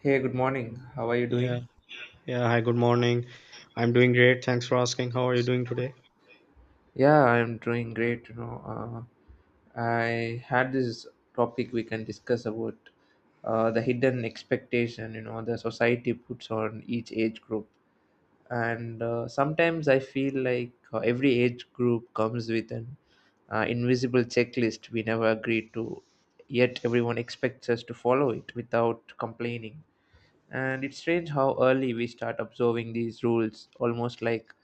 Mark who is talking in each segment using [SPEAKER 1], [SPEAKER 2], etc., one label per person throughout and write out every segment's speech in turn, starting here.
[SPEAKER 1] Hey, good morning. How are you
[SPEAKER 2] Yeah,
[SPEAKER 1] doing?
[SPEAKER 2] yeah. Hi, good morning. I'm doing great. Thanks for asking. How are you doing today?
[SPEAKER 1] Yeah, I'm doing great. I had this topic we can discuss about the hidden expectation. You know, the society puts on each age group, and sometimes I feel like every age group comes with an invisible checklist we never agreed to, yet everyone expects us to follow it without complaining. And it's strange how early we start observing these rules, almost like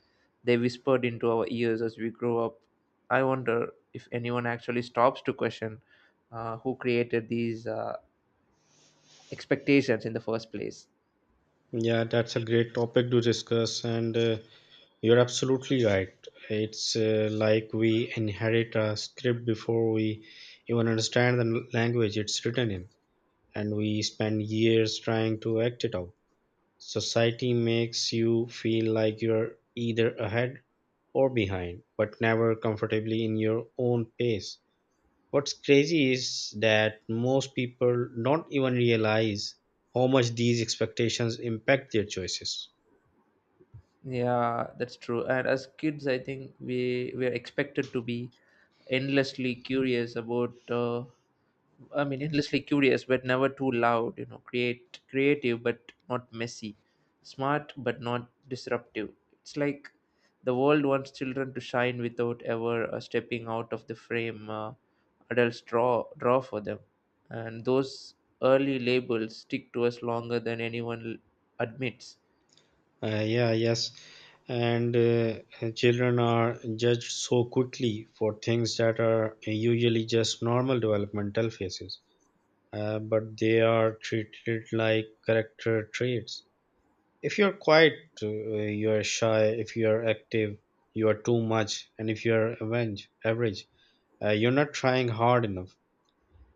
[SPEAKER 1] they whispered into our ears as we grow up. I wonder if anyone actually stops to question who created these expectations in the first place.
[SPEAKER 2] Yeah, that's a great topic to discuss, and you're absolutely right. It's like we inherit a script before we even understand the language it's written in, and we spend years trying to act it out. Society makes you feel like you're either ahead or behind, but never comfortably in your own pace. What's crazy is that most people don't even realize how much these expectations impact their choices.
[SPEAKER 1] Yeah, that's true. And as kids, I think we are expected to be endlessly curious about endlessly curious, but never too loud. You know, create creative, but not messy. Smart, but not disruptive. It's like the world wants children to shine without ever stepping out of the frame adults draw for them. And those early labels stick to us longer than anyone admits.
[SPEAKER 2] Yeah, yes. And children are judged so quickly for things that are usually just normal developmental phases, but they are treated like character traits. If you're quiet, you're shy. If you're active, you are too much. And if you're average, you're not trying hard enough.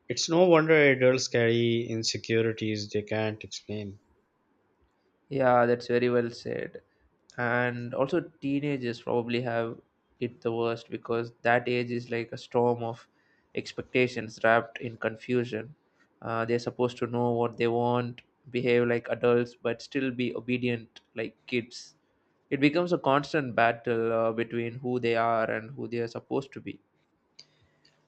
[SPEAKER 2] It's no wonder adults carry insecurities they can't explain.
[SPEAKER 1] Yeah, that's very well said. And also teenagers probably have it the worst, because that age is like a storm of expectations wrapped in confusion. They're supposed to know what they want, behave like adults but still be obedient like kids. It becomes a constant battle between who they are and who they are supposed to be.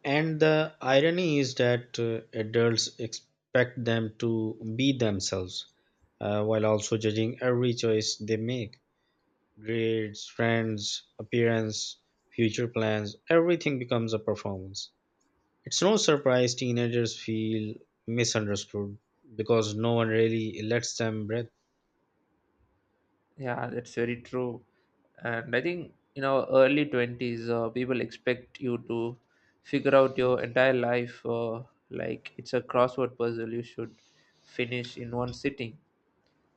[SPEAKER 2] And the irony is that adults expect them to be themselves while also judging every choice they make. Grades, friends, appearance, future plans, everything becomes a performance. It's no surprise teenagers feel misunderstood because no one really lets them breathe.
[SPEAKER 1] Yeah, that's very true. And I think, you know, early 20s, people expect you to figure out your entire life. Like it's a crossword puzzle you should finish in one sitting.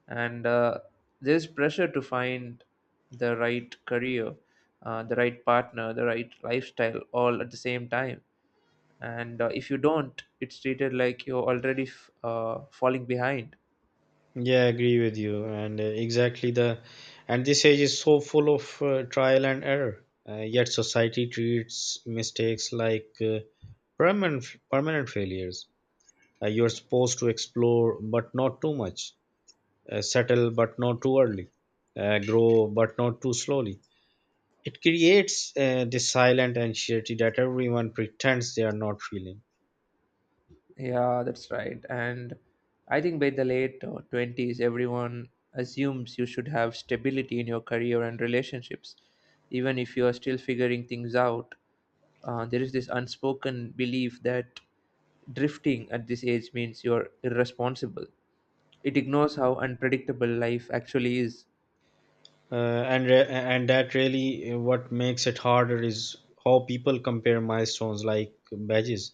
[SPEAKER 1] And there's pressure to find the right career, the right partner, the right lifestyle all at the same time. And if you don't, it's treated like you're already falling behind.
[SPEAKER 2] Yeah, I agree with you. And and this age is so full of trial and error. Yet society treats mistakes like permanent permanent failures. You're supposed to explore, but not too much. Settle, but not too early. Grow, but not too slowly. It creates this silent anxiety that everyone pretends they are not feeling.
[SPEAKER 1] Yeah, that's right. And I think by the late 20s, everyone assumes you should have stability in your career and relationships. Even if you are still figuring things out, there is this unspoken belief that drifting at this age means you're irresponsible. It ignores how unpredictable life actually is.
[SPEAKER 2] And that really what makes it harder is how people compare milestones like badges.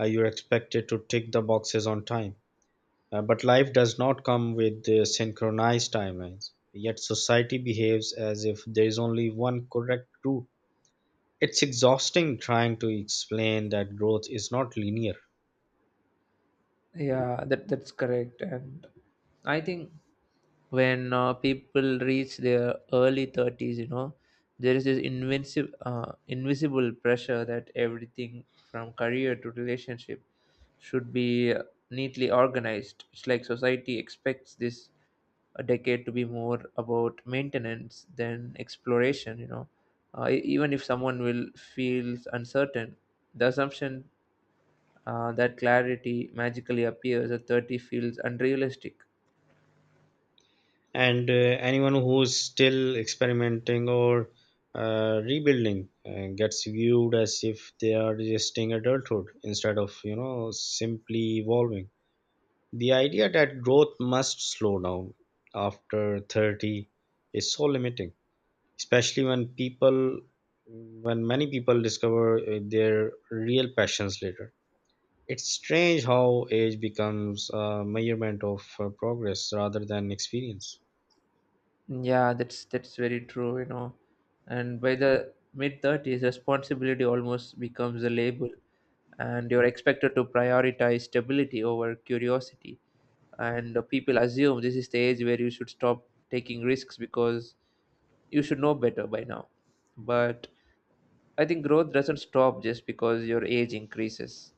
[SPEAKER 2] You're expected to tick the boxes on time. But life does not come with the synchronized timelines, yet society behaves as if there is only one correct route. It's exhausting trying to explain that growth is not linear,
[SPEAKER 1] Yeah, that's correct. And I think when people reach their early 30s, you know, there is this invincible invisible pressure that everything from career to relationship should be neatly organized. It's like society expects this a decade to be more about maintenance than exploration, you know. Even if someone will feels uncertain, the assumption that clarity magically appears at 30 feels unrealistic.
[SPEAKER 2] and anyone who's still experimenting or rebuilding gets viewed as if they are resisting adulthood instead of, you know, simply evolving. The idea that growth must slow down after 30 is so limiting, especially when many people discover their real passions later. It's strange how age becomes a measurement of progress rather than experience.
[SPEAKER 1] Yeah, that's very true, you know. And by the mid thirties, responsibility almost becomes a label, and you're expected to prioritize stability over curiosity. And people assume this is the age where you should stop taking risks, because you should know better by now. But I think growth doesn't stop just because your age increases.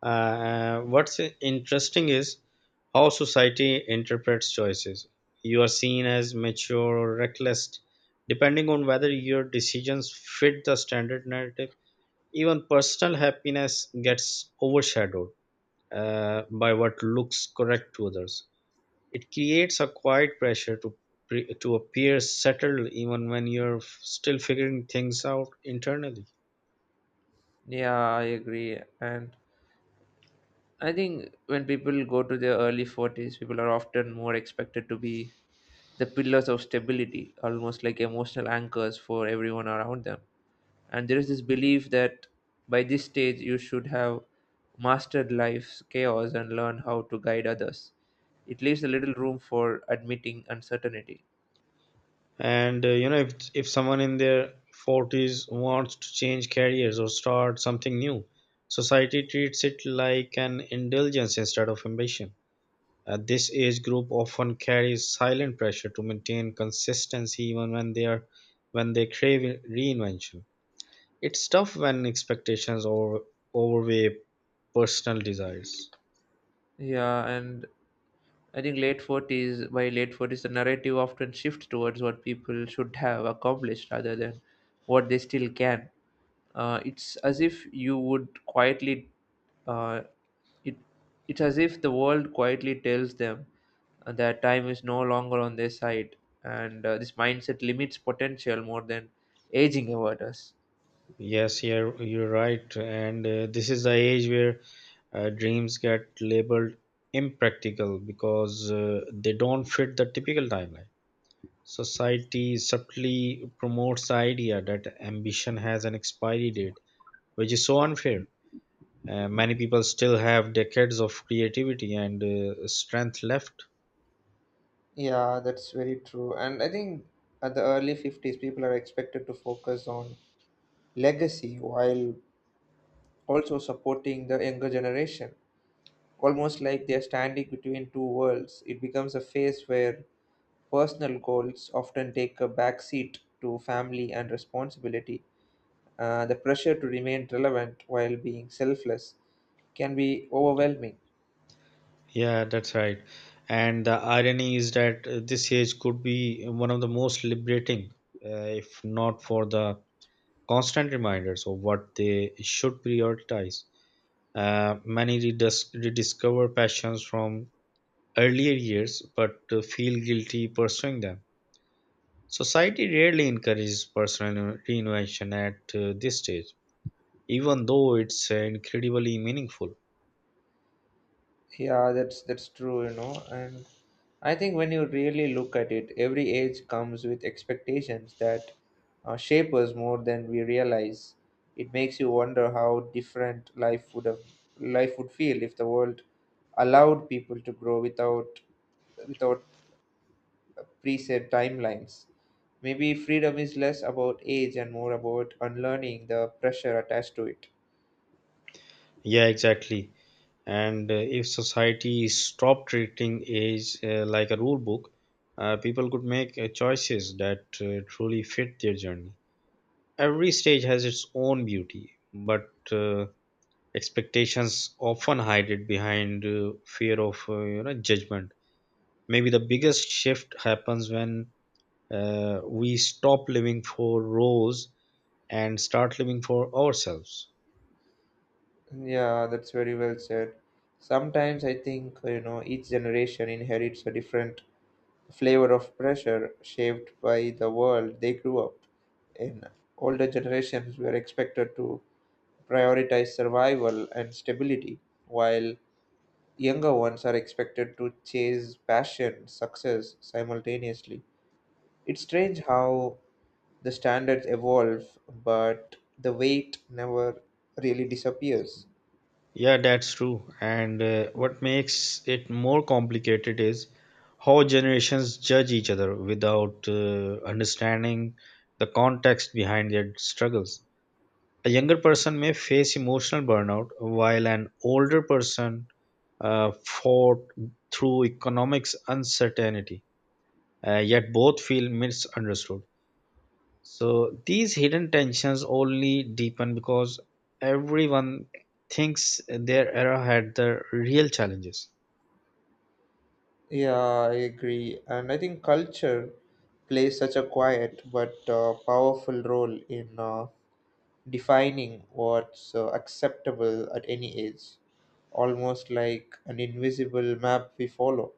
[SPEAKER 2] What's interesting is how society interprets choices. You are seen as mature or reckless, depending on whether your decisions fit the standard narrative. Even personal happiness gets overshadowed by what looks correct to others. It creates a quiet pressure to to appear settled, even when you're still figuring things out internally.
[SPEAKER 1] Yeah, I agree. And I think when people go to their early 40s, people are often more expected to be the pillars of stability, almost like emotional anchors for everyone around them. And there is this belief that by this stage you should have mastered life's chaos and learn how to guide others. It leaves a little room for admitting uncertainty.
[SPEAKER 2] And if someone in their 40s wants to change careers or start something new, society treats it like an indulgence instead of ambition. This age group often carries silent pressure to maintain consistency even when they crave reinvention. It's tough when overweigh personal desires.
[SPEAKER 1] Yeah, and I think late 40s, by late 40s, the narrative often shifts towards what people should have accomplished rather than what they still can. It's as if you would quietly, uh, it, it's as if the world quietly tells them that time is no longer on their side, and this mindset limits potential more than aging ever does.
[SPEAKER 2] Yes, you're right. And this is the age where dreams get labeled impractical because they don't fit the typical timeline. Society subtly promotes the idea that ambition has an expiry date, which is so unfair. Many people still have decades of creativity and strength left.
[SPEAKER 1] Yeah, that's very true. And I think at the early 50s, people are expected to focus on legacy while also supporting the younger generation. Almost like they're standing between two worlds. It becomes a phase where personal goals often take a backseat to family and responsibility. The pressure to remain relevant while being selfless can be overwhelming.
[SPEAKER 2] Yeah, that's right. And the irony is that this age could be one of the most liberating, uh, if not for the constant reminders of what they should prioritize. Many rediscover passions from earlier years but feel guilty pursuing them. Society rarely encourages personal reinvention at this stage, even though it's incredibly meaningful.
[SPEAKER 1] Yeah, that's true, you know. And I think when you really look at it, every age comes with expectations that shape us more than we realize. It makes you wonder how different life would feel if the world allowed people to grow without preset timelines. Maybe freedom is less about age and more about unlearning the pressure attached to it.
[SPEAKER 2] Yeah, exactly. And if society stopped treating age like a rule book, people could make choices that truly fit their journey. Every stage has its own beauty, but expectations often hide it behind fear of, you know, judgment. Maybe the biggest shift happens when we stop living for roles and start living for ourselves.
[SPEAKER 1] Yeah, that's very well said. Sometimes I think, you know, each generation inherits a different flavor of pressure shaped by the world they grew up in. Older generations were expected to prioritize survival and stability, while younger ones are expected to chase passion, success simultaneously. It's strange how the standards evolve, but the weight never really disappears.
[SPEAKER 2] Yeah, that's true. And what makes it more complicated is how generations judge each other without understanding the context behind their struggles. A younger person may face emotional burnout, while an older person fought through economics uncertainty, yet both feel misunderstood. So these hidden tensions only deepen because everyone thinks their era had the real challenges.
[SPEAKER 1] Yeah, I agree. And I think culture plays such a quiet but powerful role in defining what's acceptable at any age, almost like an invisible map we follow.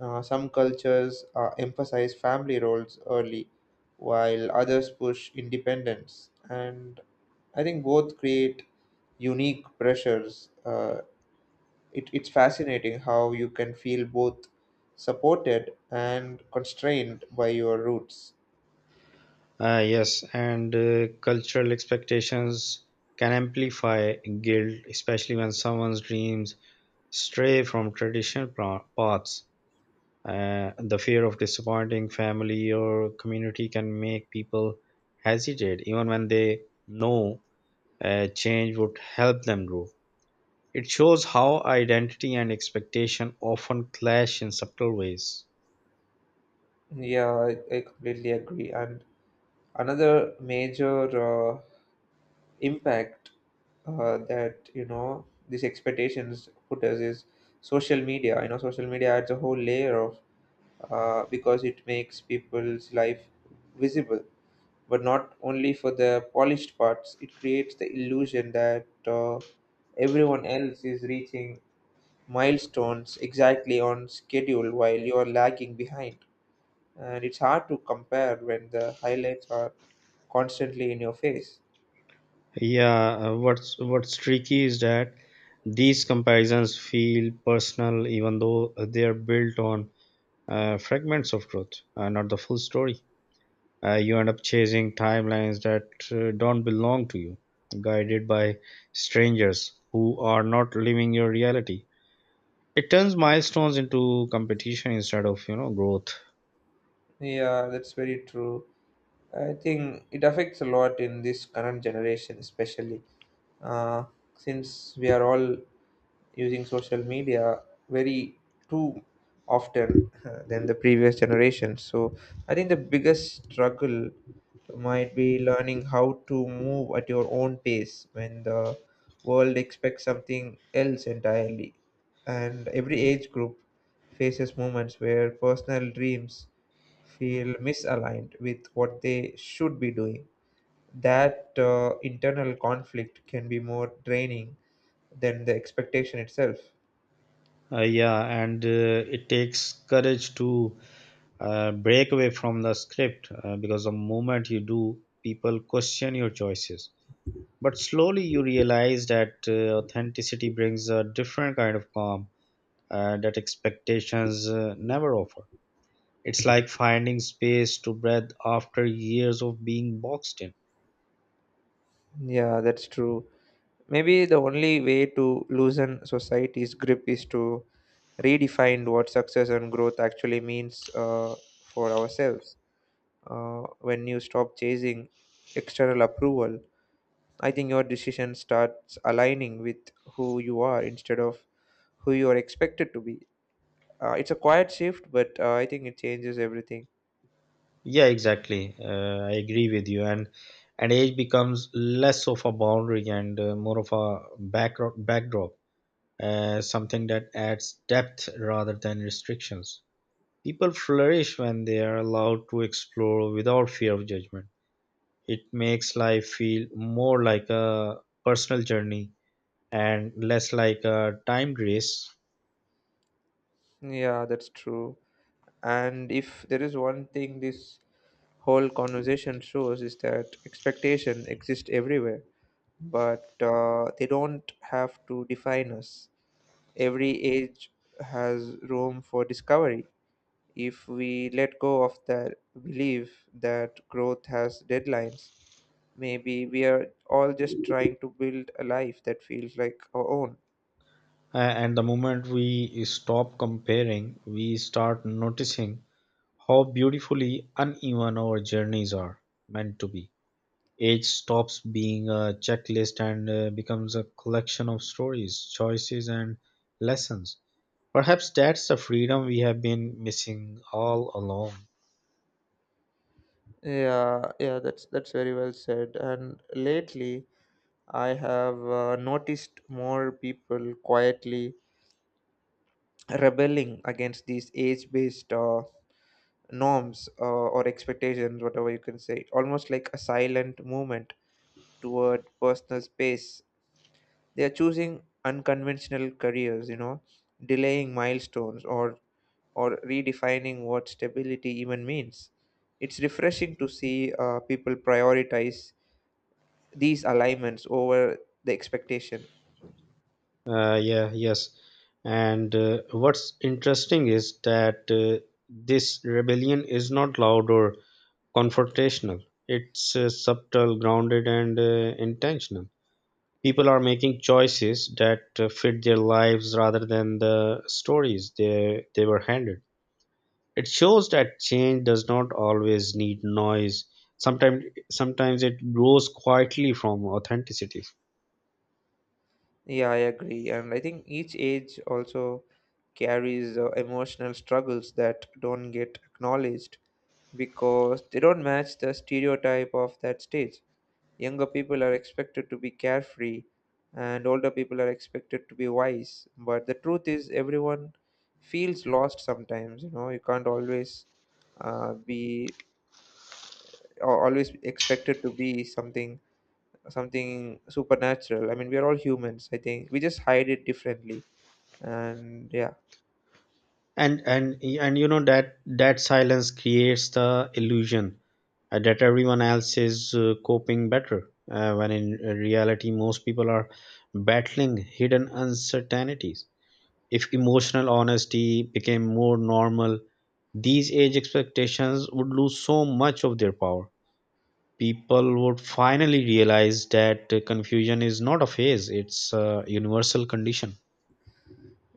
[SPEAKER 1] Some cultures emphasize family roles early, while others push independence. And I think both create unique pressures. It's fascinating how you can feel both supported and constrained by your roots.
[SPEAKER 2] Yes, and cultural expectations can amplify guilt, especially when someone's dreams stray from traditional paths. The fear of disappointing family or community can make people hesitate, even when they know change would help them grow. It shows how identity and expectation often clash in subtle ways.
[SPEAKER 1] Yeah, I completely agree. And another major impact that, you know, these expectations put us is social media. You know, social media adds a whole layer of because it makes people's life visible, but not only for the polished parts. It creates the illusion that everyone else is reaching milestones exactly on schedule while you are lagging behind. And it's hard to compare when the highlights are constantly in your face.
[SPEAKER 2] Yeah, what's tricky is that these comparisons feel personal, even though they are built on fragments of truth, not the full story. You end up chasing timelines that don't belong to you, guided by strangers who are not living your reality. It turns milestones into competition instead of, you know, growth.
[SPEAKER 1] Yeah, that's very true. I think it affects a lot in this current generation, especially uh, since we are all using social media very too often than the previous generation. So I think the biggest struggle might be learning how to move at your own pace when the world expects something else entirely. And every age group faces moments where personal dreams feel misaligned with what they should be doing. That internal conflict can be more draining than the expectation itself.
[SPEAKER 2] Yeah, and it takes courage to break away from the script, because the moment you do, people question your choices. But slowly you realize that authenticity brings a different kind of calm that expectations never offer. It's like finding space to breathe after years of being boxed in.
[SPEAKER 1] Yeah, that's true. Maybe the only way to loosen society's grip is to redefine what success and growth actually means for ourselves. When you stop chasing external approval, I think your decision starts aligning with who you are instead of who you are expected to be. It's a quiet shift, but I think it changes everything.
[SPEAKER 2] Yeah, exactly. I agree with you. And age becomes less of a boundary and more of a backdrop, something that adds depth rather than restrictions. People flourish when they are allowed to explore without fear of judgment. It makes life feel more like a personal journey and less like a timed race.
[SPEAKER 1] Yeah, that's true. And if there is one thing this whole conversation shows is that expectation exists everywhere, but they don't have to define us. Every age has room for discovery. If we let go of that belief that growth has deadlines, maybe we are all just trying to build a life that feels like our own.
[SPEAKER 2] And the moment we stop comparing, we start noticing how beautifully uneven our journeys are meant to be. Age stops being a checklist and becomes a collection of stories, choices, and lessons. Perhaps that's the freedom we have been missing all along.
[SPEAKER 1] Yeah, yeah, that's very well said. And lately, I have noticed more people quietly rebelling against these age-based norms or expectations, whatever you can say. Almost like a silent movement toward personal space. They are choosing unconventional careers, you know, delaying milestones or redefining what stability even means. It's refreshing to see people prioritize these alignments over the expectation.
[SPEAKER 2] Yeah, yes. And what's interesting is that this rebellion is not loud or confrontational. It's subtle, grounded, and intentional. People are making choices that fit their lives rather than the stories they were handed. It shows that change does not always need noise. Sometimes, Sometimes it grows quietly from authenticity.
[SPEAKER 1] Yeah, I agree. And I think each age also carries emotional struggles that don't get acknowledged because they don't match the stereotype of that stage. Younger people are expected to be carefree and older people are expected to be wise. But the truth is, everyone feels lost sometimes. You know, you can't always be or always expected to be something supernatural. I mean, we are all humans. I think we just hide it differently. And yeah,
[SPEAKER 2] And you know that that silence creates the illusion that everyone else is coping better when in reality most people are battling hidden uncertainties. If emotional honesty became more normal, these age expectations would lose so much of their power. People would finally realize that confusion is not a phase, it's a universal condition.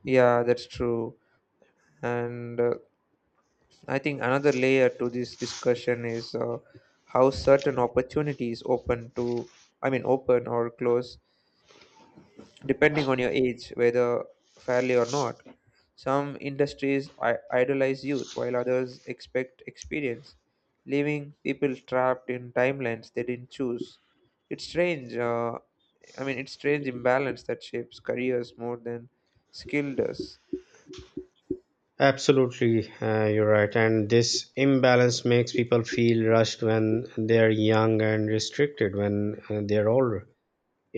[SPEAKER 1] yeah, that's true. And I think another layer to this discussion is how certain opportunities open to, I mean, open or close depending on your age, whether fairly or not. Some industries idolize youth, while others expect experience, leaving people trapped in timelines they didn't choose. It's strange. Uh, it's strange imbalance that shapes careers more than skill does.
[SPEAKER 2] Absolutely, you're right. And this imbalance makes people feel rushed when they're young and restricted when they're older.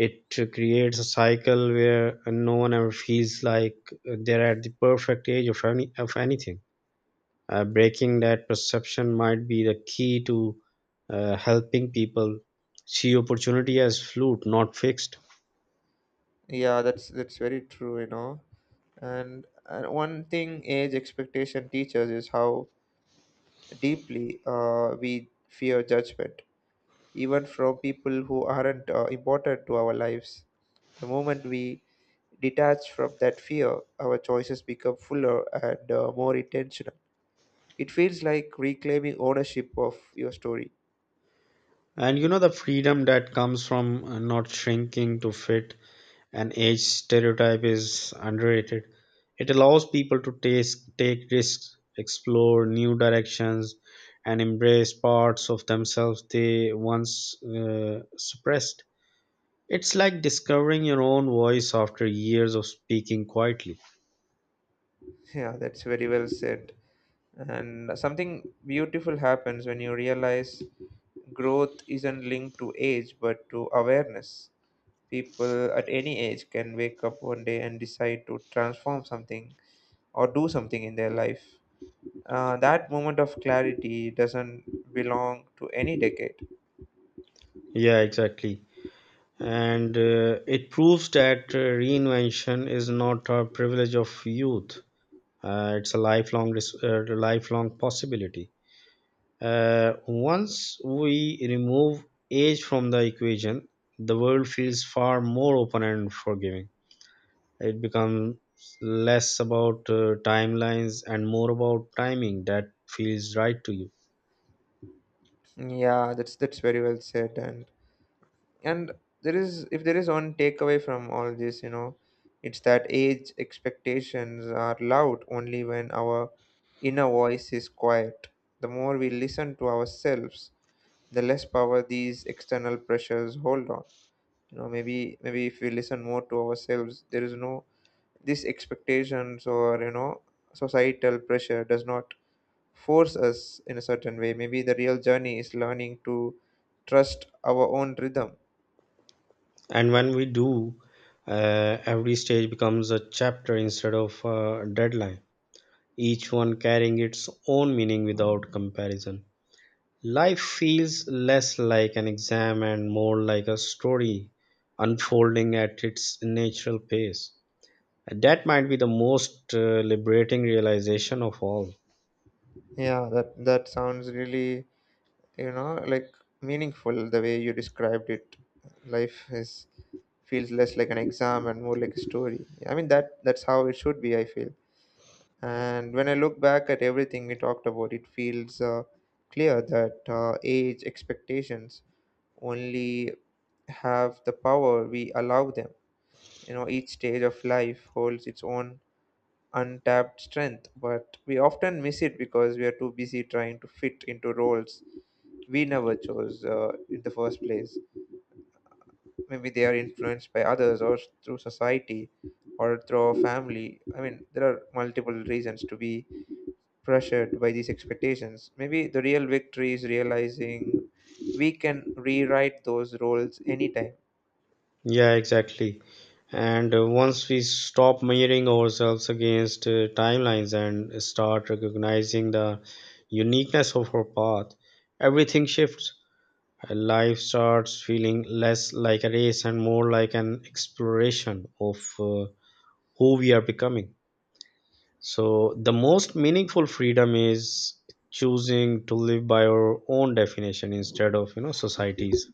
[SPEAKER 2] It creates a cycle where no one ever feels like they're at the perfect age of any of anything. Breaking that perception might be the key to helping people see opportunity as fluid, not fixed.
[SPEAKER 1] Yeah, that's very true, you know. And one thing age expectation teaches is how deeply we fear judgment, even from people who aren't important to our lives. The moment we detach from that fear, our choices become fuller and more intentional. It feels like reclaiming ownership of your story.
[SPEAKER 2] And you know the freedom that comes from not shrinking to fit and age stereotype is underrated. It allows people to take risks, explore new directions, and embrace parts of themselves they once suppressed. It's like discovering your own voice after years of speaking quietly.
[SPEAKER 1] Yeah, that's very well said. And something beautiful happens when you realize growth isn't linked to age but to awareness. People at any age can wake up one day and decide to transform something or do something in their life. That moment of clarity doesn't belong to any decade.
[SPEAKER 2] Yeah, exactly. And it proves that reinvention is not a privilege of youth. It's a lifelong possibility. Once we remove age from the equation, the world feels far more open and forgiving. It becomes less about timelines and more about timing that feels right to you.
[SPEAKER 1] Yeah, that's very well said. And there is if there is one takeaway from all this, it's that age expectations are loud only when our inner voice is quiet. The more we listen to ourselves, the less power these external pressures hold on. Maybe, maybe if we listen more to ourselves, there is no these expectations, or societal pressure does not force us in a certain way. Maybe the real journey is learning to trust our own rhythm.
[SPEAKER 2] And when we do, every stage becomes a chapter instead of a deadline, each one carrying its own meaning without comparison. Life feels less like an exam and more like a story unfolding at its natural pace. And that might be the most liberating realization of all.
[SPEAKER 1] Yeah, that that sounds really, you know, like meaningful the way you described it. Life is feels less like an exam and more like a story. I mean that that's how it should be, I feel. And when I look back at everything we talked about, it feels clear that age expectations only have the power we allow them. You know, each stage of life holds its own untapped strength, but we often miss it because we are too busy trying to fit into roles we never chose in the first place. Maybe they are influenced by others, or through society, or through our family. I mean, there are multiple reasons to be pressured by these expectations. Maybe the real victory is realizing we can rewrite those roles anytime.
[SPEAKER 2] Yeah, exactly. And once we stop measuring ourselves against timelines and start recognizing the uniqueness of our path, everything shifts. Life starts feeling less like a race and more like an exploration of who we are becoming. So, the most meaningful freedom is choosing to live by our own definition instead of, you know, societies.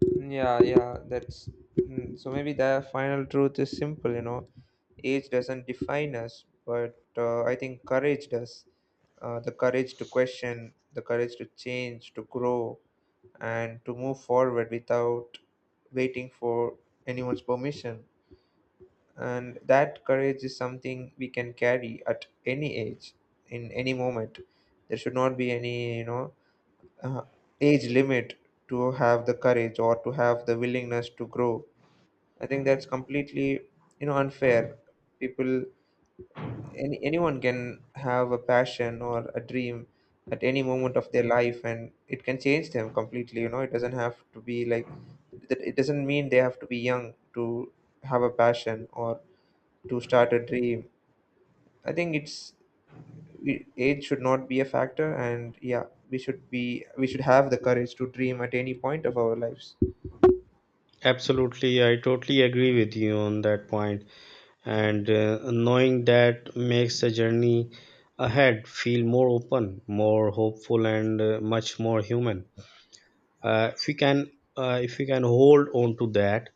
[SPEAKER 1] Yeah, yeah, that's, so maybe the final truth is simple, you know. Age doesn't define us, but I think courage does. The courage to question, the courage to change, to grow, and to move forward without waiting for anyone's permission. And that courage is something we can carry at any age, in any moment. There should not be any, you know, uh, age limit to have the courage or to have the willingness to grow. I think that's completely, you know, unfair. People anyone can have a passion or a dream at any moment of their life, and it can change them completely. You know, it doesn't have to be like that. It doesn't mean they have to be young to have a passion or to start a dream. I think it's age should not be a factor. And yeah, we should be we should have the courage to dream at any point of our lives.
[SPEAKER 2] Absolutely, I totally agree with you on that point. And knowing that makes the journey ahead feel more open, more hopeful, and much more human. Uh, if we can, if we can hold on to that,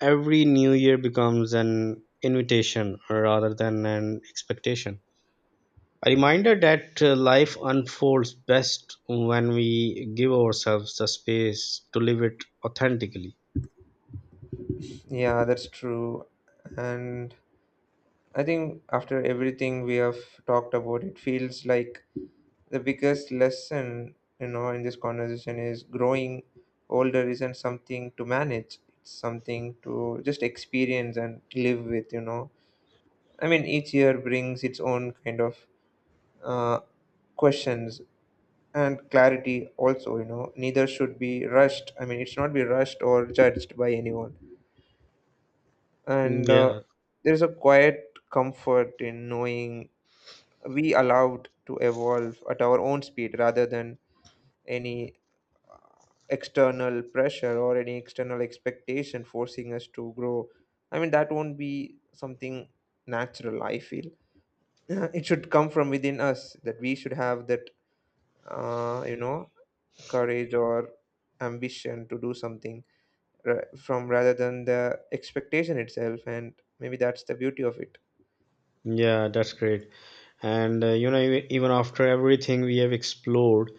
[SPEAKER 2] every new year becomes an invitation rather than an expectation. A reminder that life unfolds best when we give ourselves the space to live it authentically.
[SPEAKER 1] Yeah, that's true. And I think after everything we have talked about, it feels like the biggest lesson, you know, in this conversation, is growing older isn't something to manage. It's something to just experience and live with, you know. I mean, each year brings its own kind of uh, questions and clarity also, you know. Neither should be rushed. I mean, it should not be rushed or judged by anyone. And
[SPEAKER 2] Yeah,
[SPEAKER 1] there's a quiet comfort in knowing we allowed to evolve at our own speed rather than any external pressure or any external expectation forcing us to grow. I mean that won't be something natural, I feel. It should come from within us, that we should have that you know, courage or ambition to do something from rather than the expectation itself. And maybe that's the beauty of it.
[SPEAKER 2] yeah, that's great. And even after everything we have explored,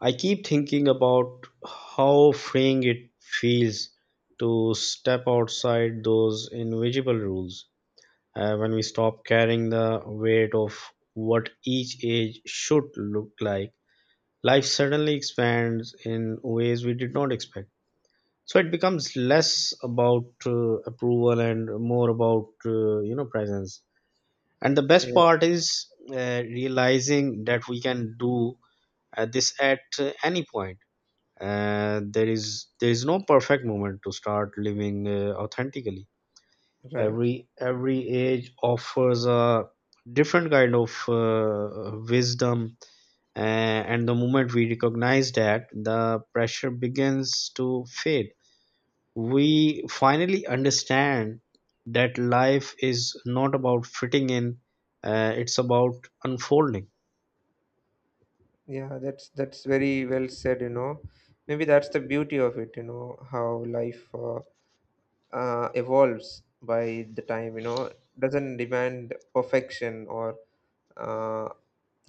[SPEAKER 2] I keep thinking about how freeing it feels to step outside those invisible rules. When we stop carrying the weight of what each age should look like, life suddenly expands in ways we did not expect. So it becomes less about approval and more about, you know, presence. And the best
[SPEAKER 1] Yeah.
[SPEAKER 2] part is realizing that we can do this at any point. There is no perfect moment to start living authentically.
[SPEAKER 1] Right.
[SPEAKER 2] Every age offers a different kind of wisdom, and the moment we recognize that, the pressure begins to fade. We finally understand that life is not about fitting in, it's about unfolding.
[SPEAKER 1] Yeah, that's very well said, you know. Maybe that's the beauty of it, you know, how life evolves by the time, you know, doesn't demand perfection or uh,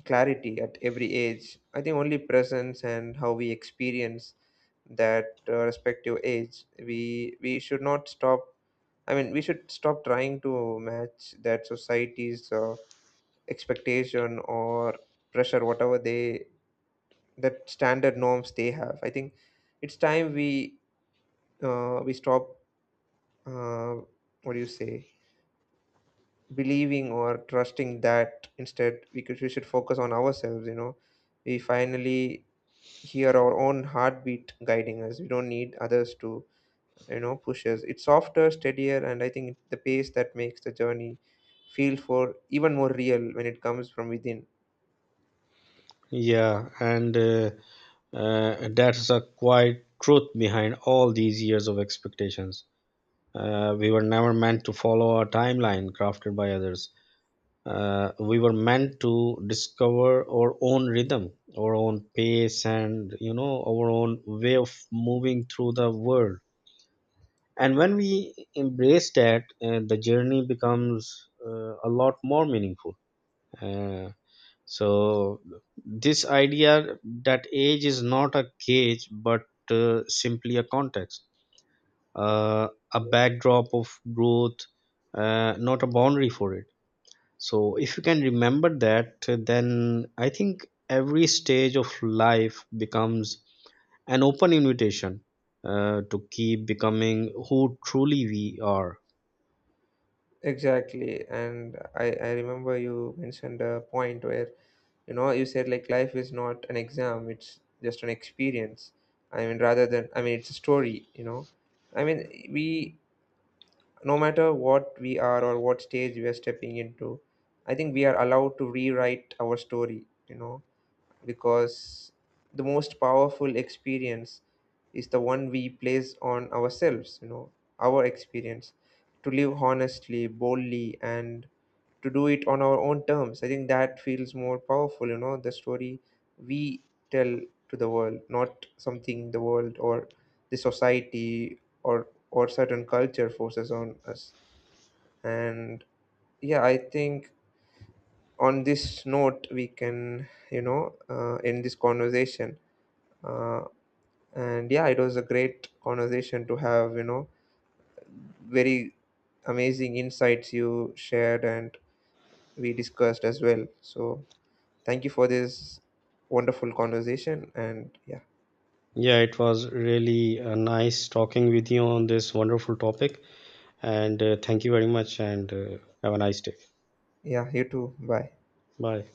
[SPEAKER 1] clarity at every age. I think only presence and how we experience that respective age, we should not stop. I mean we should stop trying to match that society's expectation or pressure, whatever they, that standard norms they have. I think it's time we stop, uh, what do you say, believing or trusting that. Instead we could, we should focus on ourselves, you know. We finally hear our own heartbeat guiding us. We don't need others to, you know, push us. It's softer, steadier, and I think the pace that makes the journey feel for even more real when it comes from within.
[SPEAKER 2] Yeah and That's a quiet truth behind all these years of expectations. We were never meant to follow a timeline crafted by others. We were meant to discover our own rhythm, our own pace, and you know our own way of moving through the world. And when we embrace that, the journey becomes a lot more meaningful. uh, so this idea that age is not a gauge but simply a context, uh, a backdrop of growth, not a boundary for it. So if you can remember that, then I think every stage of life becomes an open invitation to keep becoming who truly we are.
[SPEAKER 1] Exactly. And I remember you mentioned a point where, you know, you said like life is not an exam, it's just an experience. I mean, rather than, I mean, it's a story, you know. I mean, we, no matter what we are or what stage we are stepping into, I think we are allowed to rewrite our story, you know, because the most powerful experience is the one we place on ourselves, you know. Our experience to live honestly, boldly, and to do it on our own terms. I think that feels more powerful, you know. The story we tell to the world, not something the world or the society or certain culture forces on us. And yeah, I think on this note we can, you know, end this conversation. Uh, and yeah, it was a great conversation to have, you know. Very amazing insights you shared, and we discussed as well. So thank you for this wonderful conversation. And yeah,
[SPEAKER 2] Yeah, it was really nice talking with you on this wonderful topic, and thank you very much, and have a nice day.
[SPEAKER 1] yeah, you too, bye.
[SPEAKER 2] Bye.